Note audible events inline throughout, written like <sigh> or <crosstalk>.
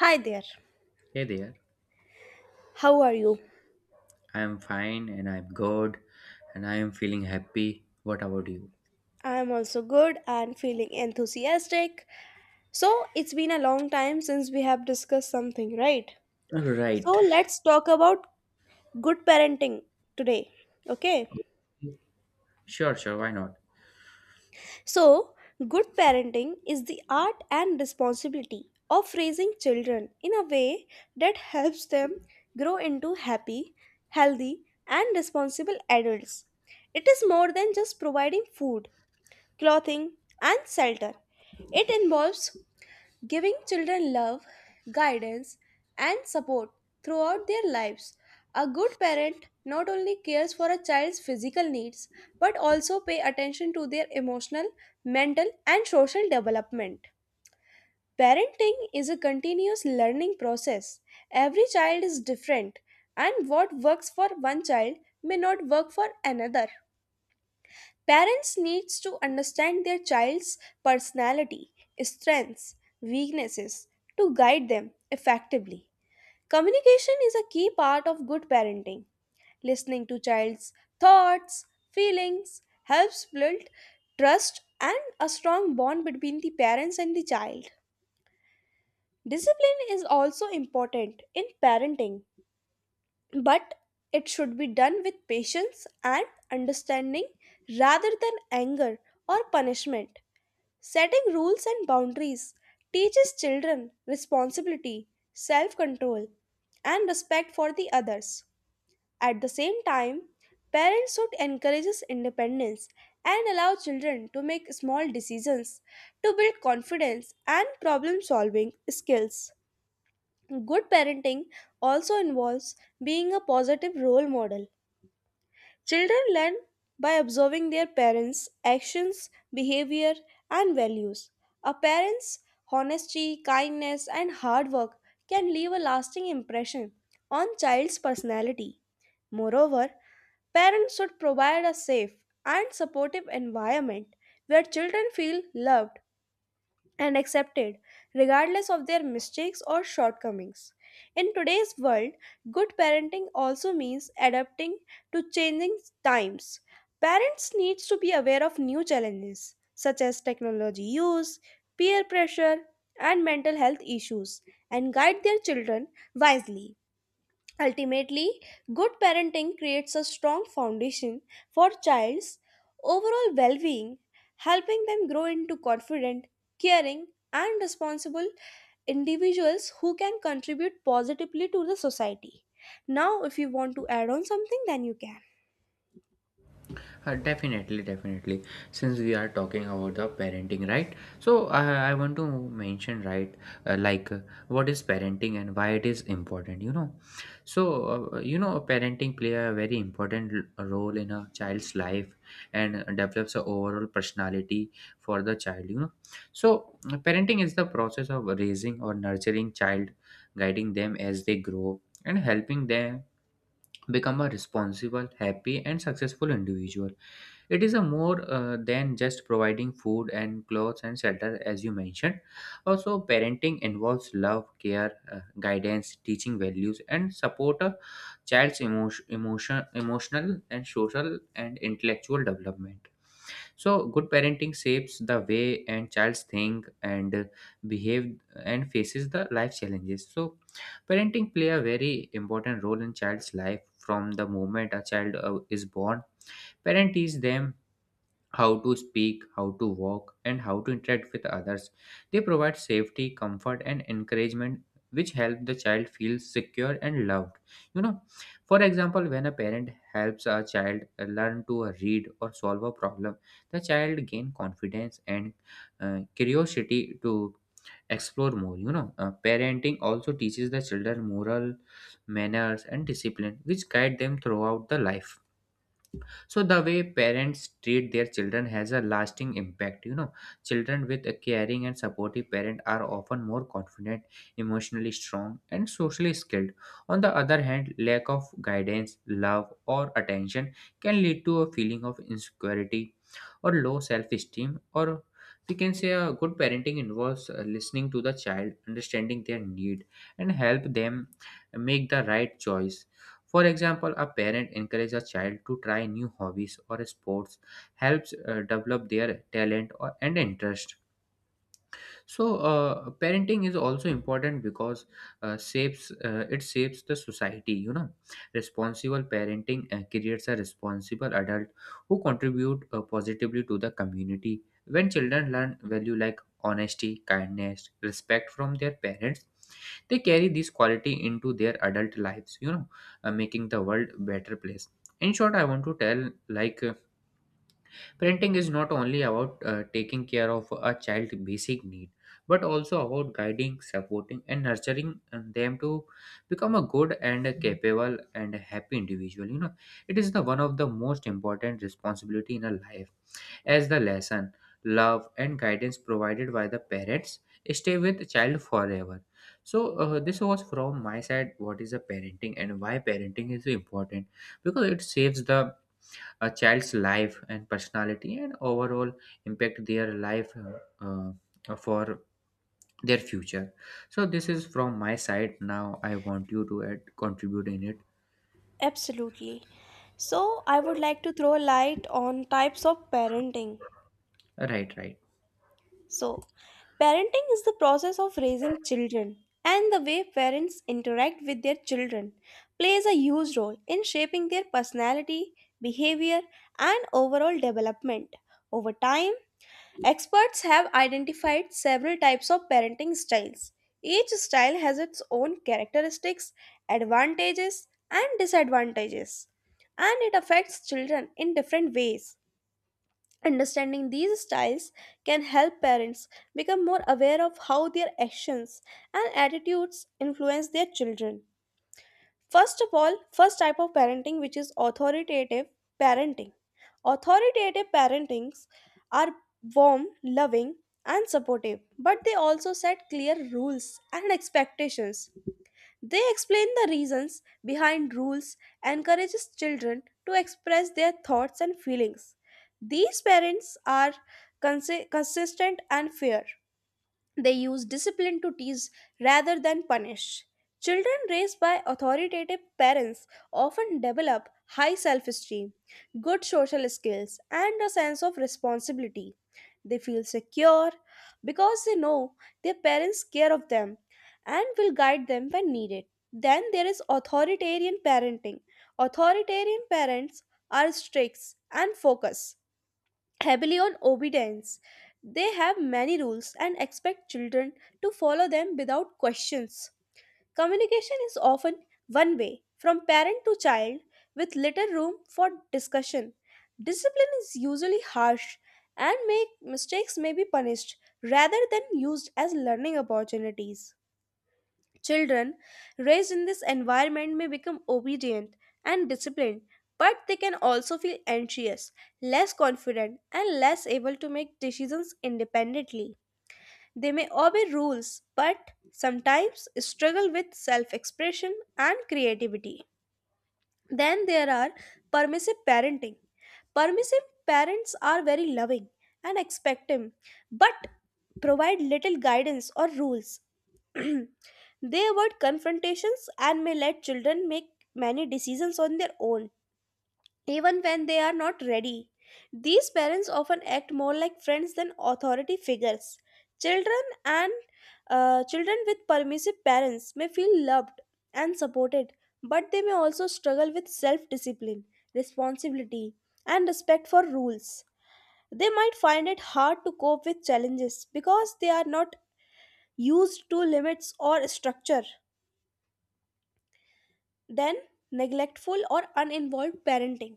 Hi there. Hey there, How are you? I am fine and I'm good and I am feeling happy. What about you? I am also good and feeling enthusiastic. So, it's been a long time since we have discussed something, right? All So, right, let's talk about good parenting today. Okay? sure, sure, why not? So, good parenting is the art and responsibility of raising children in a way that helps them grow into happy, healthy, and responsible adults. It is more than just providing food, clothing, and shelter. It involves giving children love, guidance, and support throughout their lives. A good parent not only cares for a child's physical needs but also pay attention to their emotional, mental, and social development. Parenting is a continuous learning process. Every child is different, and what works for one child may not work for another. Parents needs to understand their child's personality, strengths, weaknesses to guide them effectively. Communication is a key part of good parenting. Listening to child's thoughts, feelings helps build trust and a strong bond between the parents and the child. Discipline is also important in parenting, but it should be done with patience and understanding rather than anger or punishment. Setting rules and boundaries teaches children responsibility, self control, and respect for the others. At the same time, parents should encourage independence and allow children to make small decisions to build confidence and problem solving skills. Good parenting also involves being a positive role model. Children learn by observing their parents' actions, behavior, and values. A parent's honesty, kindness, and hard work can leave a lasting impression on child's personality. Moreover, parents should provide a safe and supportive environment where children feel loved and accepted, regardless of their mistakes or shortcomings. In today's world, good parenting also means adapting to changing times. Parents need to be aware of new challenges such as technology use, peer pressure, and mental health issues and guide their children wisely. Ultimately, good parenting creates a strong foundation for child's overall well-being, helping them grow into confident, caring, and responsible individuals who can contribute positively to the society. Now, if you want to add on something, then you can. Definitely, definitely. Since we are talking about the parenting, right? So I want to mention, right, like what is parenting and why it is important. So parenting play a very important role in a child's life and develops a overall personality for the child. So parenting is the process of raising or nurturing child, guiding them as they grow and helping them become a responsible, happy, and successful individual. It is a more than just providing food and clothes and shelter, as you mentioned. Also, parenting involves love, care, guidance, teaching values, and support a child's emotional and social and intellectual development. So, good parenting shapes the way and childs think and behave and faces the life challenges. So, parenting play a very important role in child's life from the moment a child is born. Parent teach them how to speak, how to walk, and how to interact with others. They provide safety, comfort, and encouragement, which help the child feel secure and loved. You know, for example, when a parent helps a child learn to read or solve a problem, the child gain confidence and curiosity to explore more. Parenting also teaches the children moral manners and discipline which guide them throughout the life, so the way parents treat their children has a lasting impact. Children with a caring and supportive parent are often more confident, emotionally strong, and socially skilled. On the other hand, lack of guidance, love, or attention can lead to a feeling of insecurity or low self-esteem. Or we can say a good parenting involves listening to the child, understanding their need, and help them make the right choice. For example, a parent encourages a child to try new hobbies or sports, helps develop their talent or, and interest. So parenting is also important because shapes it shapes the society. You know responsible parenting creates a responsible adult who contribute positively to the community. When children learn value like honesty, kindness, respect from their parents, they carry this quality into their adult lives, making the world better place. In short, I want to tell like parenting is not only about taking care of a child's basic need, but also about guiding, supporting, and nurturing them to become a good and a capable and a happy individual. It is the one of the most important responsibility in a life, as the lesson, love, and guidance provided by the parents stay with the child forever. So this was from my side. What is a parenting and why parenting is important? Because it saves the a child's life and personality and overall impact their life, uh, for their future. So this is from my side. Now I want you to add contribute in it. Absolutely. So, I would like to throw a light on types of parenting. Right, right. So, parenting is the process of raising children, and the way parents interact with their children plays a huge role in shaping their personality, behavior, and overall development. Over time, experts have identified several types of parenting styles. Each style has its own characteristics, advantages, and disadvantages, and it affects children in different ways. Understanding these styles can help parents become more aware of how their actions and attitudes influence their children. First of all, first type of parenting which is authoritative parenting. Authoritative parentings are warm, loving and supportive, but they also set clear rules and expectations. They explain the reasons behind rules, encourages children to express their thoughts and feelings. These parents are consistent and fair. They use discipline to tease rather than punish. Children raised by authoritative parents often develop high self esteem, good social skills, and a sense of responsibility. They feel secure because they know their parents care of them and will guide them when needed. Then there is authoritarian parenting. Authoritarian parents are strict and focused heavily on obedience. They have many rules and expect children to follow them without questions. Communication is often one way, from parent to child, with little room for discussion. Discipline is usually harsh and make mistakes may be punished rather than used as learning opportunities. Children raised in this environment may become obedient and disciplined, but they can also feel anxious, less confident, and less able to make decisions independently. They may obey rules, but sometimes struggle with self expression and creativity. Then there are permissive parenting. Permissive parents are very loving and expectant, but provide little guidance or rules. <clears throat> They avoid confrontations and may let children make many decisions on their own even when they are not ready. These parents often act more like friends than authority figures. Children and Children with permissive parents may feel loved and supported, but they may also struggle with self-discipline, responsibility, and respect for rules. They might find it hard to cope with challenges because they are not used to limits or structure. Then, neglectful or uninvolved parenting.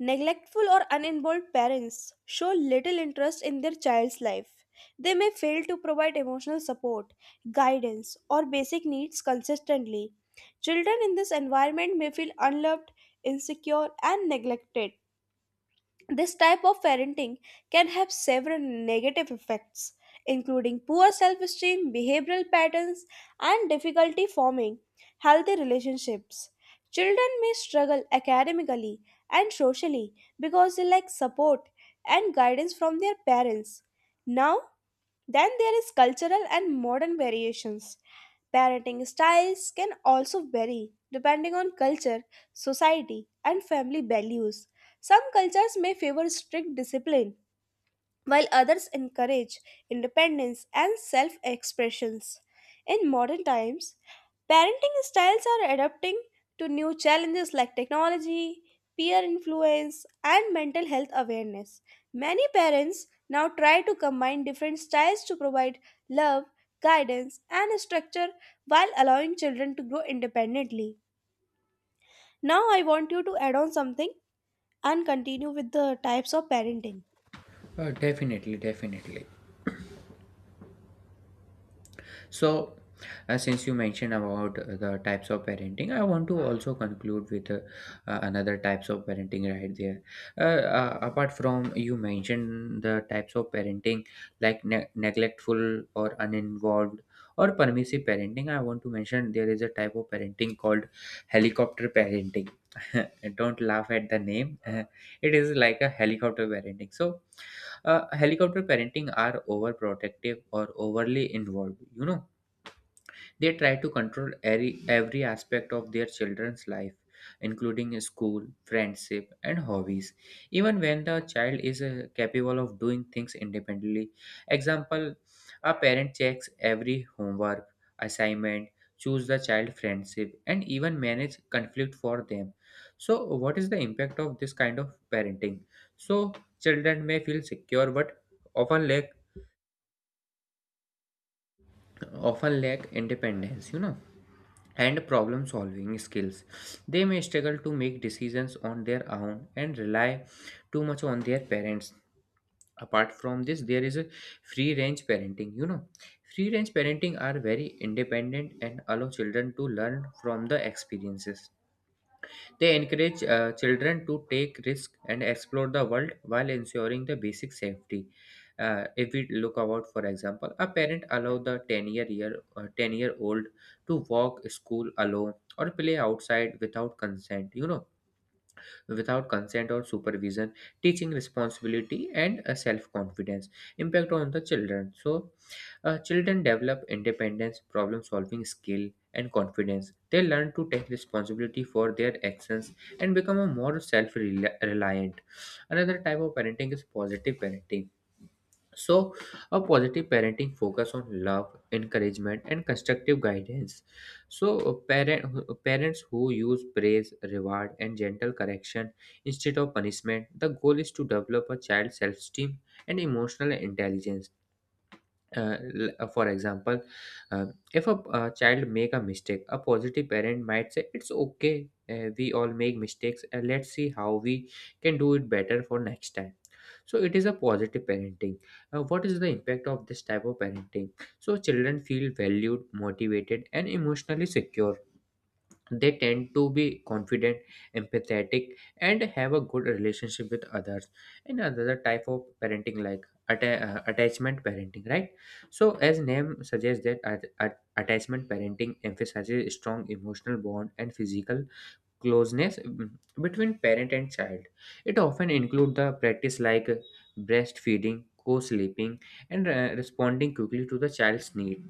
Neglectful or uninvolved parents show little interest in their child's life. They may fail to provide emotional support, guidance, or basic needs consistently. Children in this environment may feel unloved, insecure, and neglected. This type of parenting can have several negative effects, including poor self esteem, behavioral patterns, and difficulty forming healthy relationships. Children may struggle academically and socially because they lack support and guidance from their parents. Now, then there is cultural and modern variations. Parenting styles can also vary depending on culture, society, and family values. Some cultures may favor strict discipline while others encourage independence and self expressions. In modern times, parenting styles are adapting to new challenges like technology, peer influence, and mental health awareness. Many parents now try to combine different styles to provide love, guidance, and structure while allowing children to grow independently. Now, I want you to add on something and continue with the types of parenting. Definitely, definitely. So, since you mentioned about the types of parenting, I want to also conclude with another types of parenting right there. Apart from you mentioned the types of parenting like neglectful or uninvolved or permissive parenting, I want to mention there is a type of parenting called helicopter parenting. <laughs> Don't laugh at the name. <laughs> It is like a helicopter parenting. So, helicopter parenting are overprotective or overly involved. They try to control every aspect of their children's life, including school, friendship, and hobbies, even when the child is capable of doing things independently. Example, a parent checks every homework, assignment, choose the child friendship, and even manage conflict for them. So, what is the impact of this kind of parenting? So, children may feel secure but often lack often lack independence, and problem solving skills. They may struggle to make decisions on their own and rely too much on their parents. Apart from this, there is a free range parenting. Free range parenting are very independent and allow children to learn from the experiences. They encourage children to take risks and explore the world while ensuring the basic safety. If we look about, for example, a parent allow the 10-year-old to walk school alone or play outside without consent. Without consent or supervision, teaching responsibility and self confidence. Impact on the children. So, children develop independence, problem solving skill, and confidence. They learn to take responsibility for their actions and become a more self reliant. Another type of parenting is positive parenting. So, a positive parenting focus on love, encouragement, and constructive guidance. So, parents who use praise, reward, and gentle correction instead of punishment, the goal is to develop a child's self esteem and emotional intelligence. uh, for example, if a child make a mistake, a positive parent might say it's okay, we all make mistakes, let's see how we can do it better for next time. So it is a positive parenting. What is the impact of this type of parenting? So children feel valued, motivated, and emotionally secure. They tend to be confident, empathetic, and have a good relationship with others. And another type of parenting like attachment parenting, right? So as name suggests that attachment parenting emphasizes strong emotional bond and physical closeness between parent and child. It often includes the practice like breastfeeding, co-sleeping, and responding quickly to the child's need.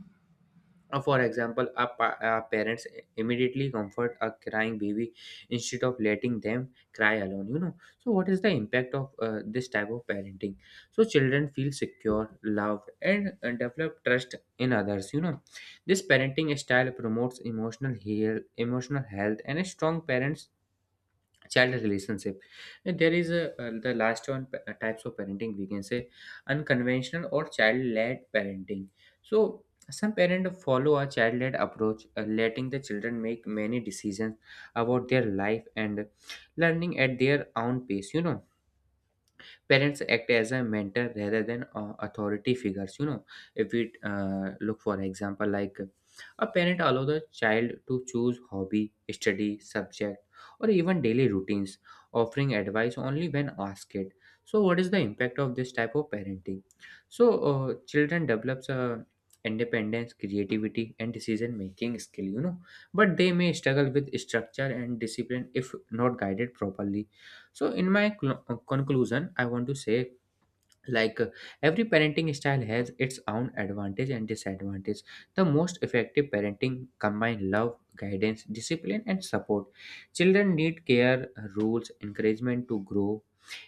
For example, our parents immediately comfort a crying baby instead of letting them cry alone. So, what is the impact of this type of parenting? So, children feel secure, loved, and develop trust in others. This parenting style promotes emotional health, and a strong parents child relationship. And there is a the last one types of parenting we can say unconventional or child-led parenting. So some parents follow a child-led approach, letting the children make many decisions about their life and learning at their own pace. Parents act as a mentor rather than authority figures. If we look for example like a parent allow the child to choose hobby, study subject, or even daily routines, offering advice only when asked. So what is the impact of this type of parenting? So children develops a independence, creativity, and decision making skill. But they may struggle with structure and discipline if not guided properly. So, in my conclusion, I want to say like every parenting style has its own advantage and disadvantage. The most effective parenting combine love, guidance, discipline, and support. Children need care, rules, encouragement to grow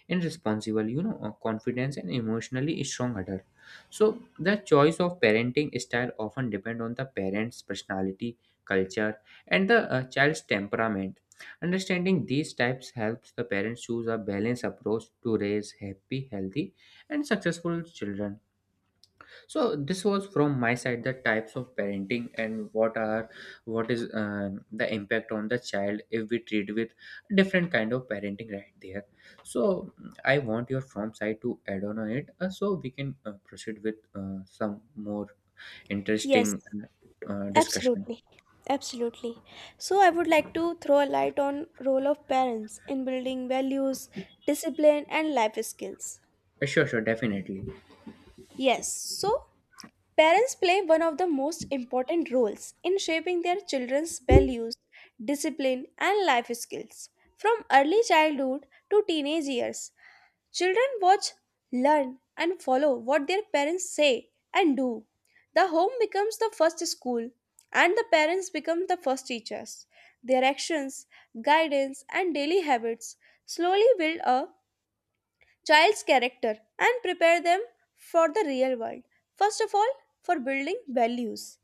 in responsible, confidence and emotionally strong adult. So the choice of parenting style often depend on the parents personality, culture, and the child's temperament. Understanding these types helps the parents choose a balanced approach to raise happy, healthy, and successful children. So this was from my side, the types of parenting and what is the impact on the child if we treat with different kind of parenting right there. So I want your from side to add on it, so we can proceed with some more Yes. interesting discussion. Absolutely. Absolutely. So I would like to throw a light on role of parents in building values, discipline and life skills. Sure, sure, definitely. Yes, so parents play one of the most important roles in shaping their children's values, discipline, and life skills. From early childhood to teenage years, children watch, learn, and follow what their parents say and do. The home becomes the first school, and the parents become the first teachers. Their actions, guidance, and daily habits slowly build a child's character and prepare them for the real world. First of all, for building values.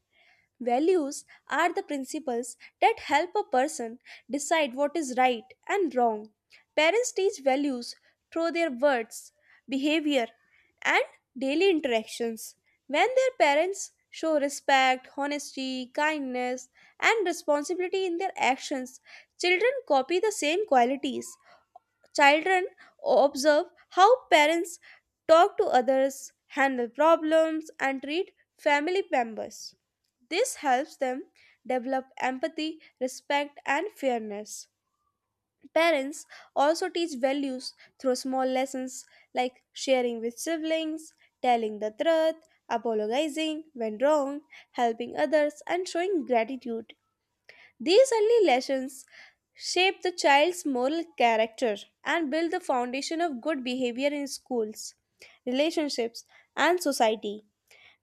Values are the principles that help a person decide what is right and wrong. Parents teach values through their words, behavior, and daily interactions. When their parents show respect, honesty, kindness, and responsibility in their actions, children copy the same qualities. Children observe how parents talk to others, handle problems, and treat family members. This helps them develop empathy, respect, and fairness. Parents also teach values through small lessons like sharing with siblings, telling the truth, apologizing when wrong, helping others, and showing gratitude. These early lessons shape the child's moral character and build the foundation of good behavior in schools, relationships, and society.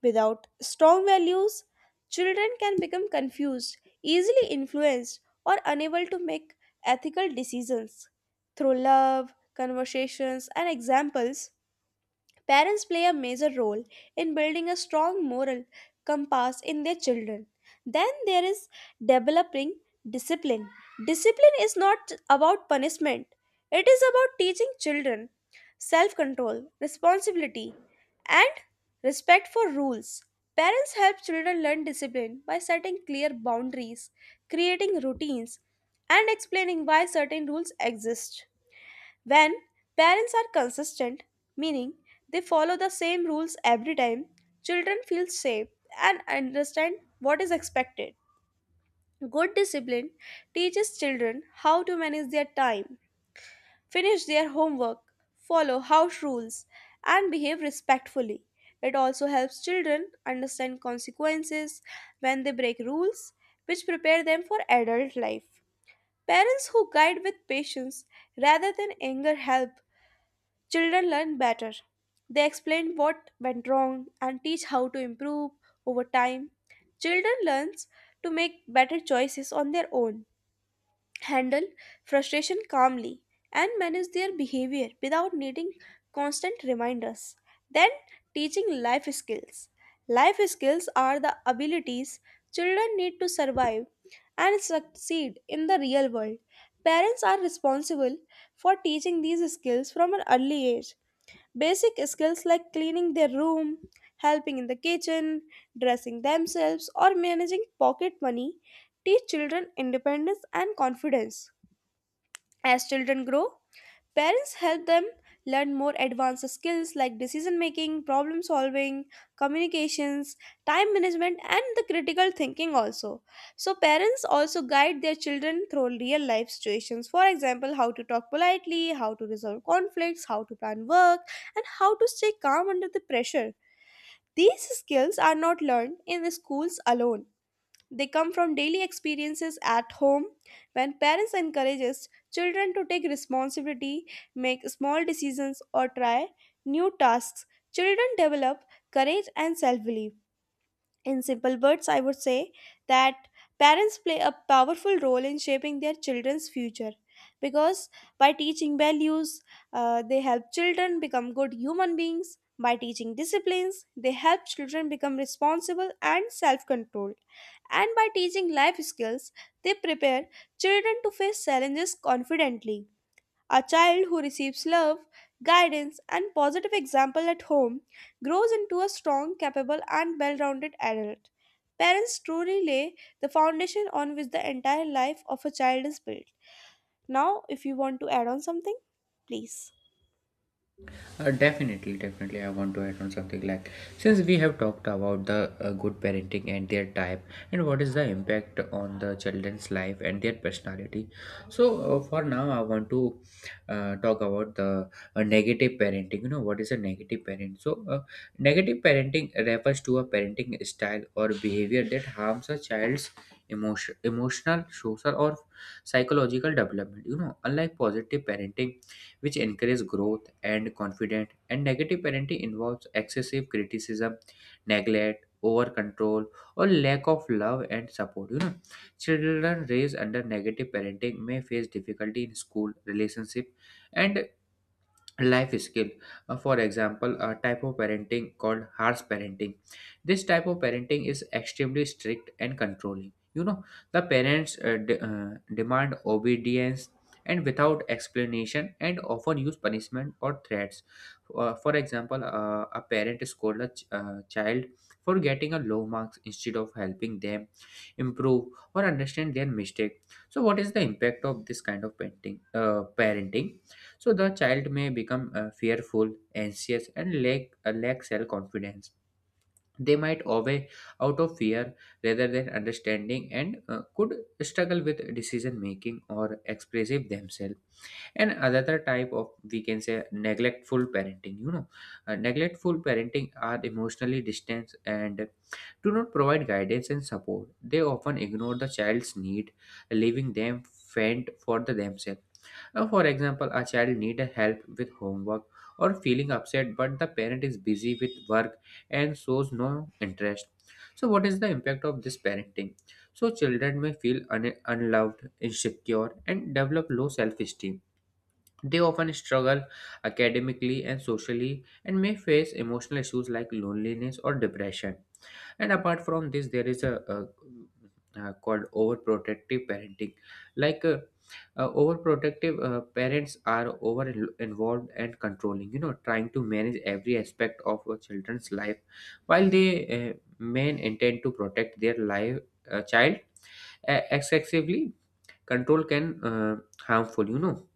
Without strong values, children can become confused, easily influenced, or unable to make ethical decisions. Through love, conversations, and examples, parents play a major role in building a strong moral compass in their children. Then there is developing discipline. Discipline is not about punishment, it is about teaching children self control, responsibility, and respect for rules. Parents help children learn discipline by setting clear boundaries, creating routines, and explaining why certain rules exist. When parents are consistent, meaning they follow the same rules every time, children feel safe and understand what is expected. Good discipline teaches children how to manage their time, finish their homework, follow house rules, and behave respectfully. It also helps children understand consequences when they break rules, which prepare them for adult life. Parents who guide with patience rather than anger help children learn better. They explain what went wrong and teach how to improve over time. Children learns to make better choices on their own, handle frustration calmly, and manage their behavior without needing constant reminders. Then, teaching life skills. Life skills are the abilities children need to survive and succeed in the real world. Parents are responsible for teaching these skills from an early age. Basic skills like cleaning their room, helping in the kitchen, dressing themselves, or managing pocket money teach children independence and confidence. As children grow, parents help them learn more advanced skills like decision making, problem solving, communications, time management, and the critical thinking also. So, parents also guide their children through real life situations. For example, how to talk politely, how to resolve conflicts, how to plan work, and how to stay calm under the pressure. These skills are not learned in the schools alone, they come from daily experiences at home when parents encourages children to take responsibility, make small decisions or try new tasks. Children develop courage and self-belief. In simple words, I would say that parents play a powerful role in shaping their children's future because by teaching values, they help children become good human beings. By teaching disciplines, they help children become responsible and self controlled. And by teaching life skills, they prepare children to face challenges confidently. A child who receives love, guidance, and positive example at home grows into a strong, capable, and well rounded adult. Parents truly lay the foundation on which the entire life of a child is built. Now, if you want to add on something, please. Definitely, definitely. I want to add on something like since we have talked about the good parenting and their type, and what is the impact on the children's life and their personality. So, for now, I want to talk about the negative parenting. What is a negative parent? So, negative parenting refers to a parenting style or behavior that harms a child's emotional, social, or psychological development. Unlike positive parenting which encourage growth and confidence. And negative parenting involves excessive criticism, neglect, over control, or lack of love and support. Children raised under negative parenting may face difficulty in school, relationship, and life skill. For example, a type of parenting called harsh parenting. This type of parenting is extremely strict and controlling. The parents demand obedience and without explanation and often use punishment or threats. For example, a parent scold a child for getting a low marks instead of helping them improve or understand their mistake. So what is the impact of this kind of parenting? So the child may become fearful, anxious, and lack self confidence. They might obey out of fear rather than understanding and could struggle with decision making or expressive themselves. And another type of, we can say, neglectful parenting. You know, neglectful parenting are emotionally distant and do not provide guidance and support. They often ignore the child's need, leaving them faint for the themselves. For example, a child need a help with homework or feeling upset, but the parent is busy with work and shows no interest. So what is the impact of this parenting? So children may feel unloved, insecure, and develop low self-esteem. They often struggle academically and socially, and may face emotional issues like loneliness or depression. And apart from this there is a called overprotective parenting. like uh, Overprotective parents are involved and controlling, you know, trying to manage every aspect of a children's life, while they uh, may intend to protect their life, child, excessively control can harmful, you know.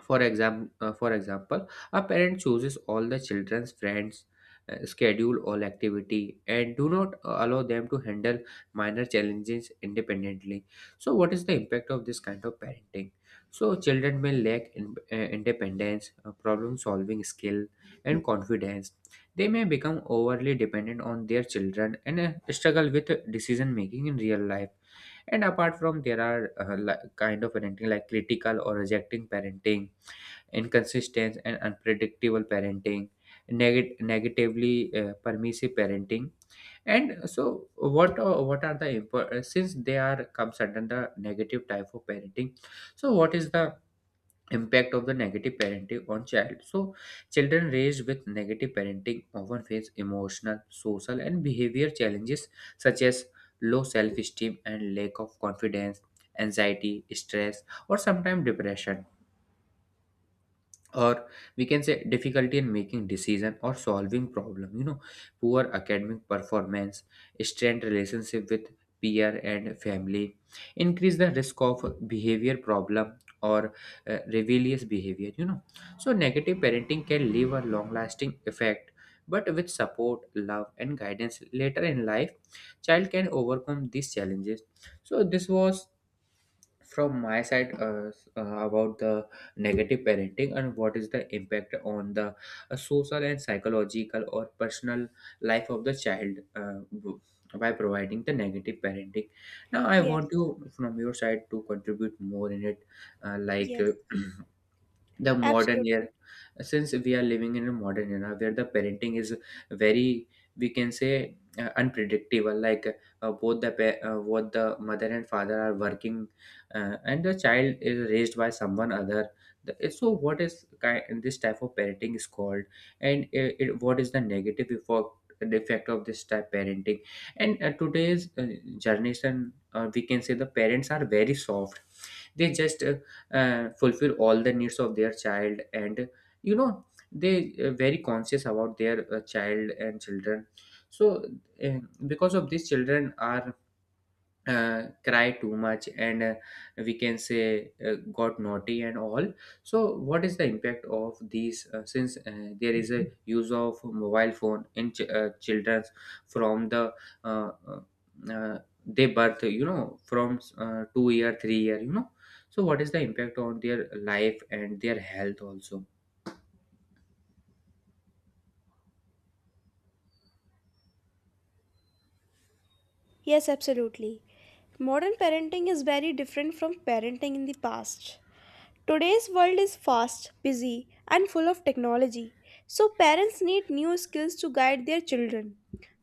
For example, a parent chooses all the children's friends, schedule all activity, and do not allow them to handle minor challenges independently. So what is the impact of this kind of parenting? So children may lack in, independence, problem-solving skill, and confidence. They may become overly dependent on their children and struggle with decision making in real life. And apart from there are like, kind of parenting like critical or rejecting parenting, inconsistent and unpredictable parenting, negatively permissive parenting. And so, what are the since they are comes under the negative type of parenting? So what is the impact of the negative parenting on child? So children raised with negative parenting often face emotional, social, and behavior challenges such as low self-esteem and lack of confidence, anxiety, stress, or sometimes depression, or we can say difficulty in making decision or solving problem, you know, poor academic performance, strained relationship with peer and family, increase the risk of behavior problem or rebellious behavior, you know. So negative parenting can leave a long lasting effect, but with support love and guidance later in life child can overcome these challenges. So this was from my side about the negative parenting and what is the impact on the social and psychological or personal life of the child, by providing the negative parenting. Now I want Yes, you from your side to contribute more in it. uh, like uh, yes, <clears throat> the modern absolutely. era, since we are living in a modern era where the parenting is very, we can say, unpredictable, like both both the mother and father are working, and the child is raised by someone other. The- so what is kind this type of parenting is called, and it, what is the negative effect, the effect of this type parenting. And today's generation, we can say the parents are very soft. They just fulfill all the needs of their child, and you know they very conscious about their child and children. So uh, because of this children are cry too much, and we can say got naughty and all. So what is the impact of these since there is a use of mobile phone in children's from the uh, uh, uh, they birth, you know, from 2 year 3 year, you know. So what is the impact on their life and their health also? Yes, absolutely. Modern parenting is very different from parenting in the past. Today's world is fast, busy, and full of technology, so parents need new skills to guide their children.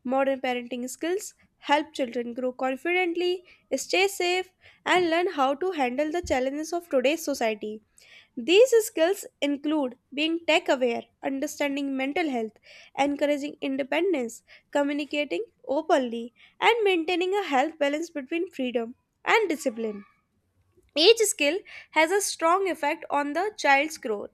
Modern parenting skills help children grow confidently, stay safe, and learn how to handle the challenges of today's society. These skills include being tech aware, understanding mental health, encouraging independence, communicating openly, and maintaining a health balance between freedom and discipline. Each skill has a strong effect on the child's growth.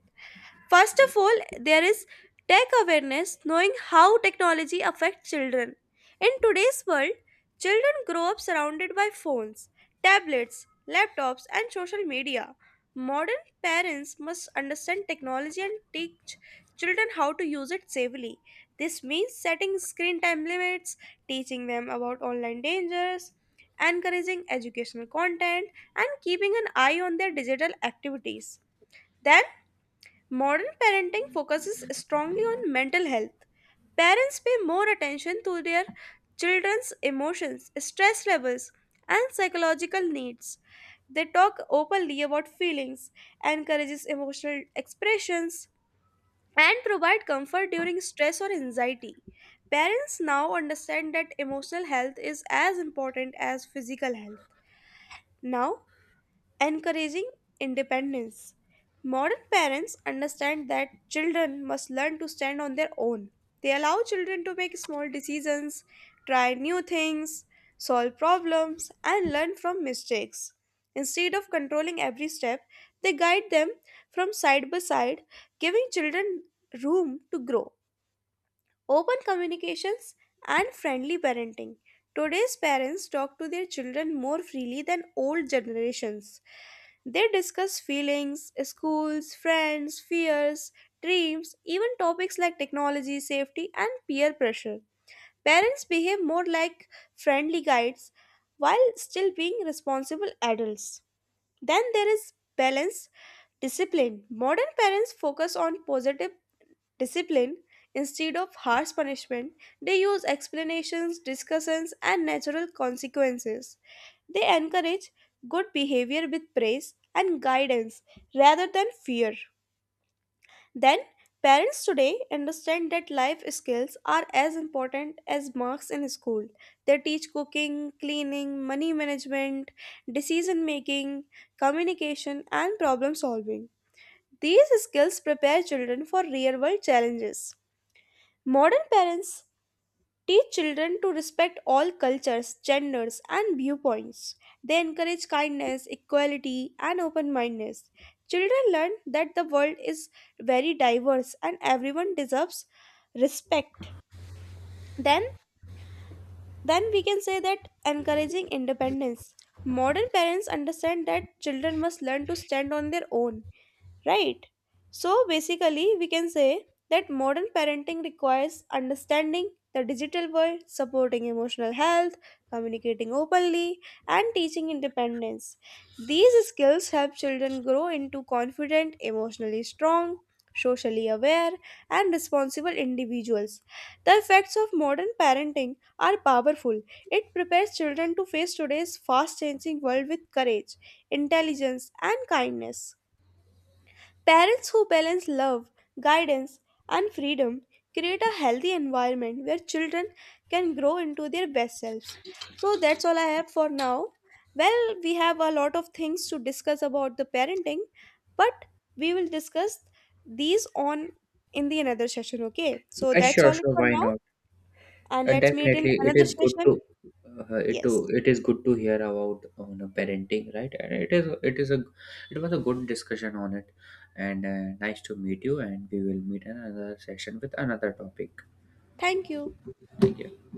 First of all, there is tech awareness, knowing how technology affects children. In today's world, children grow up surrounded by phones, tablets, laptops, and social media. Modern parents must understand technology and teach children how to use it safely. This means setting screen time limits, teaching them about online dangers, encouraging educational content, and keeping an eye on their digital activities. Then, modern parenting focuses strongly on mental health. Parents pay more attention to their children's emotions, stress levels, and psychological needs. They talk openly about feelings, encourages emotional expressions, and provide comfort during stress or anxiety. Parents now understand that emotional health is as important as physical health. Now, encouraging independence. Modern parents understand that children must learn to stand on their own. They allow children to make small decisions, try new things, solve problems, and learn from mistakes. Instead of controlling every step, they guide them from side by side, giving children room to grow. Open communications and friendly parenting. Today's parents talk to their children more freely than old generations. They discuss feelings, schools, friends, fears, dreams, even topics like technology, safety, and peer pressure. Parents behave more like friendly guides while still being responsible adults. Then there is balance discipline. Modern parents focus on positive discipline instead of harsh punishment. They use explanations, discussions and natural consequences. They encourage good behavior with praise and guidance rather than fear. Then parents today understand that life skills are as important as marks in school. They teach cooking, cleaning, money management, decision making, communication and problem solving. These skills prepare children for real world challenges. Modern parents teach children to respect all cultures, genders, and viewpoints. They encourage kindness, equality, and open mindedness. Children learn that the world is very diverse and everyone deserves respect. Then, then we can say that encouraging independence. Modern parents understand that children must learn to stand on their own, right? So basically, we can say that modern parenting requires understanding the digital world, supporting emotional health, communicating openly, and teaching independence. These skills help children grow into confident, emotionally strong, socially aware, and responsible individuals. The effects of modern parenting are powerful. It prepares children to face today's fast changing world with courage, intelligence, and kindness. Parents who balance love, guidance, and freedom create a healthy environment where children can grow into their best selves. So that's all I have for now. Well, we have a lot of things to discuss about the parenting, but we will discuss these on in the another session, okay? So that's Sure, all it sure. for Why now not? and let's meet in Definitely, it another is good session. to Yes. it is good to hear about on the parenting, right? And it is a, it was a good discussion on it, and nice to meet you. And we will meet in another session with another topic. Thank you. Thank you.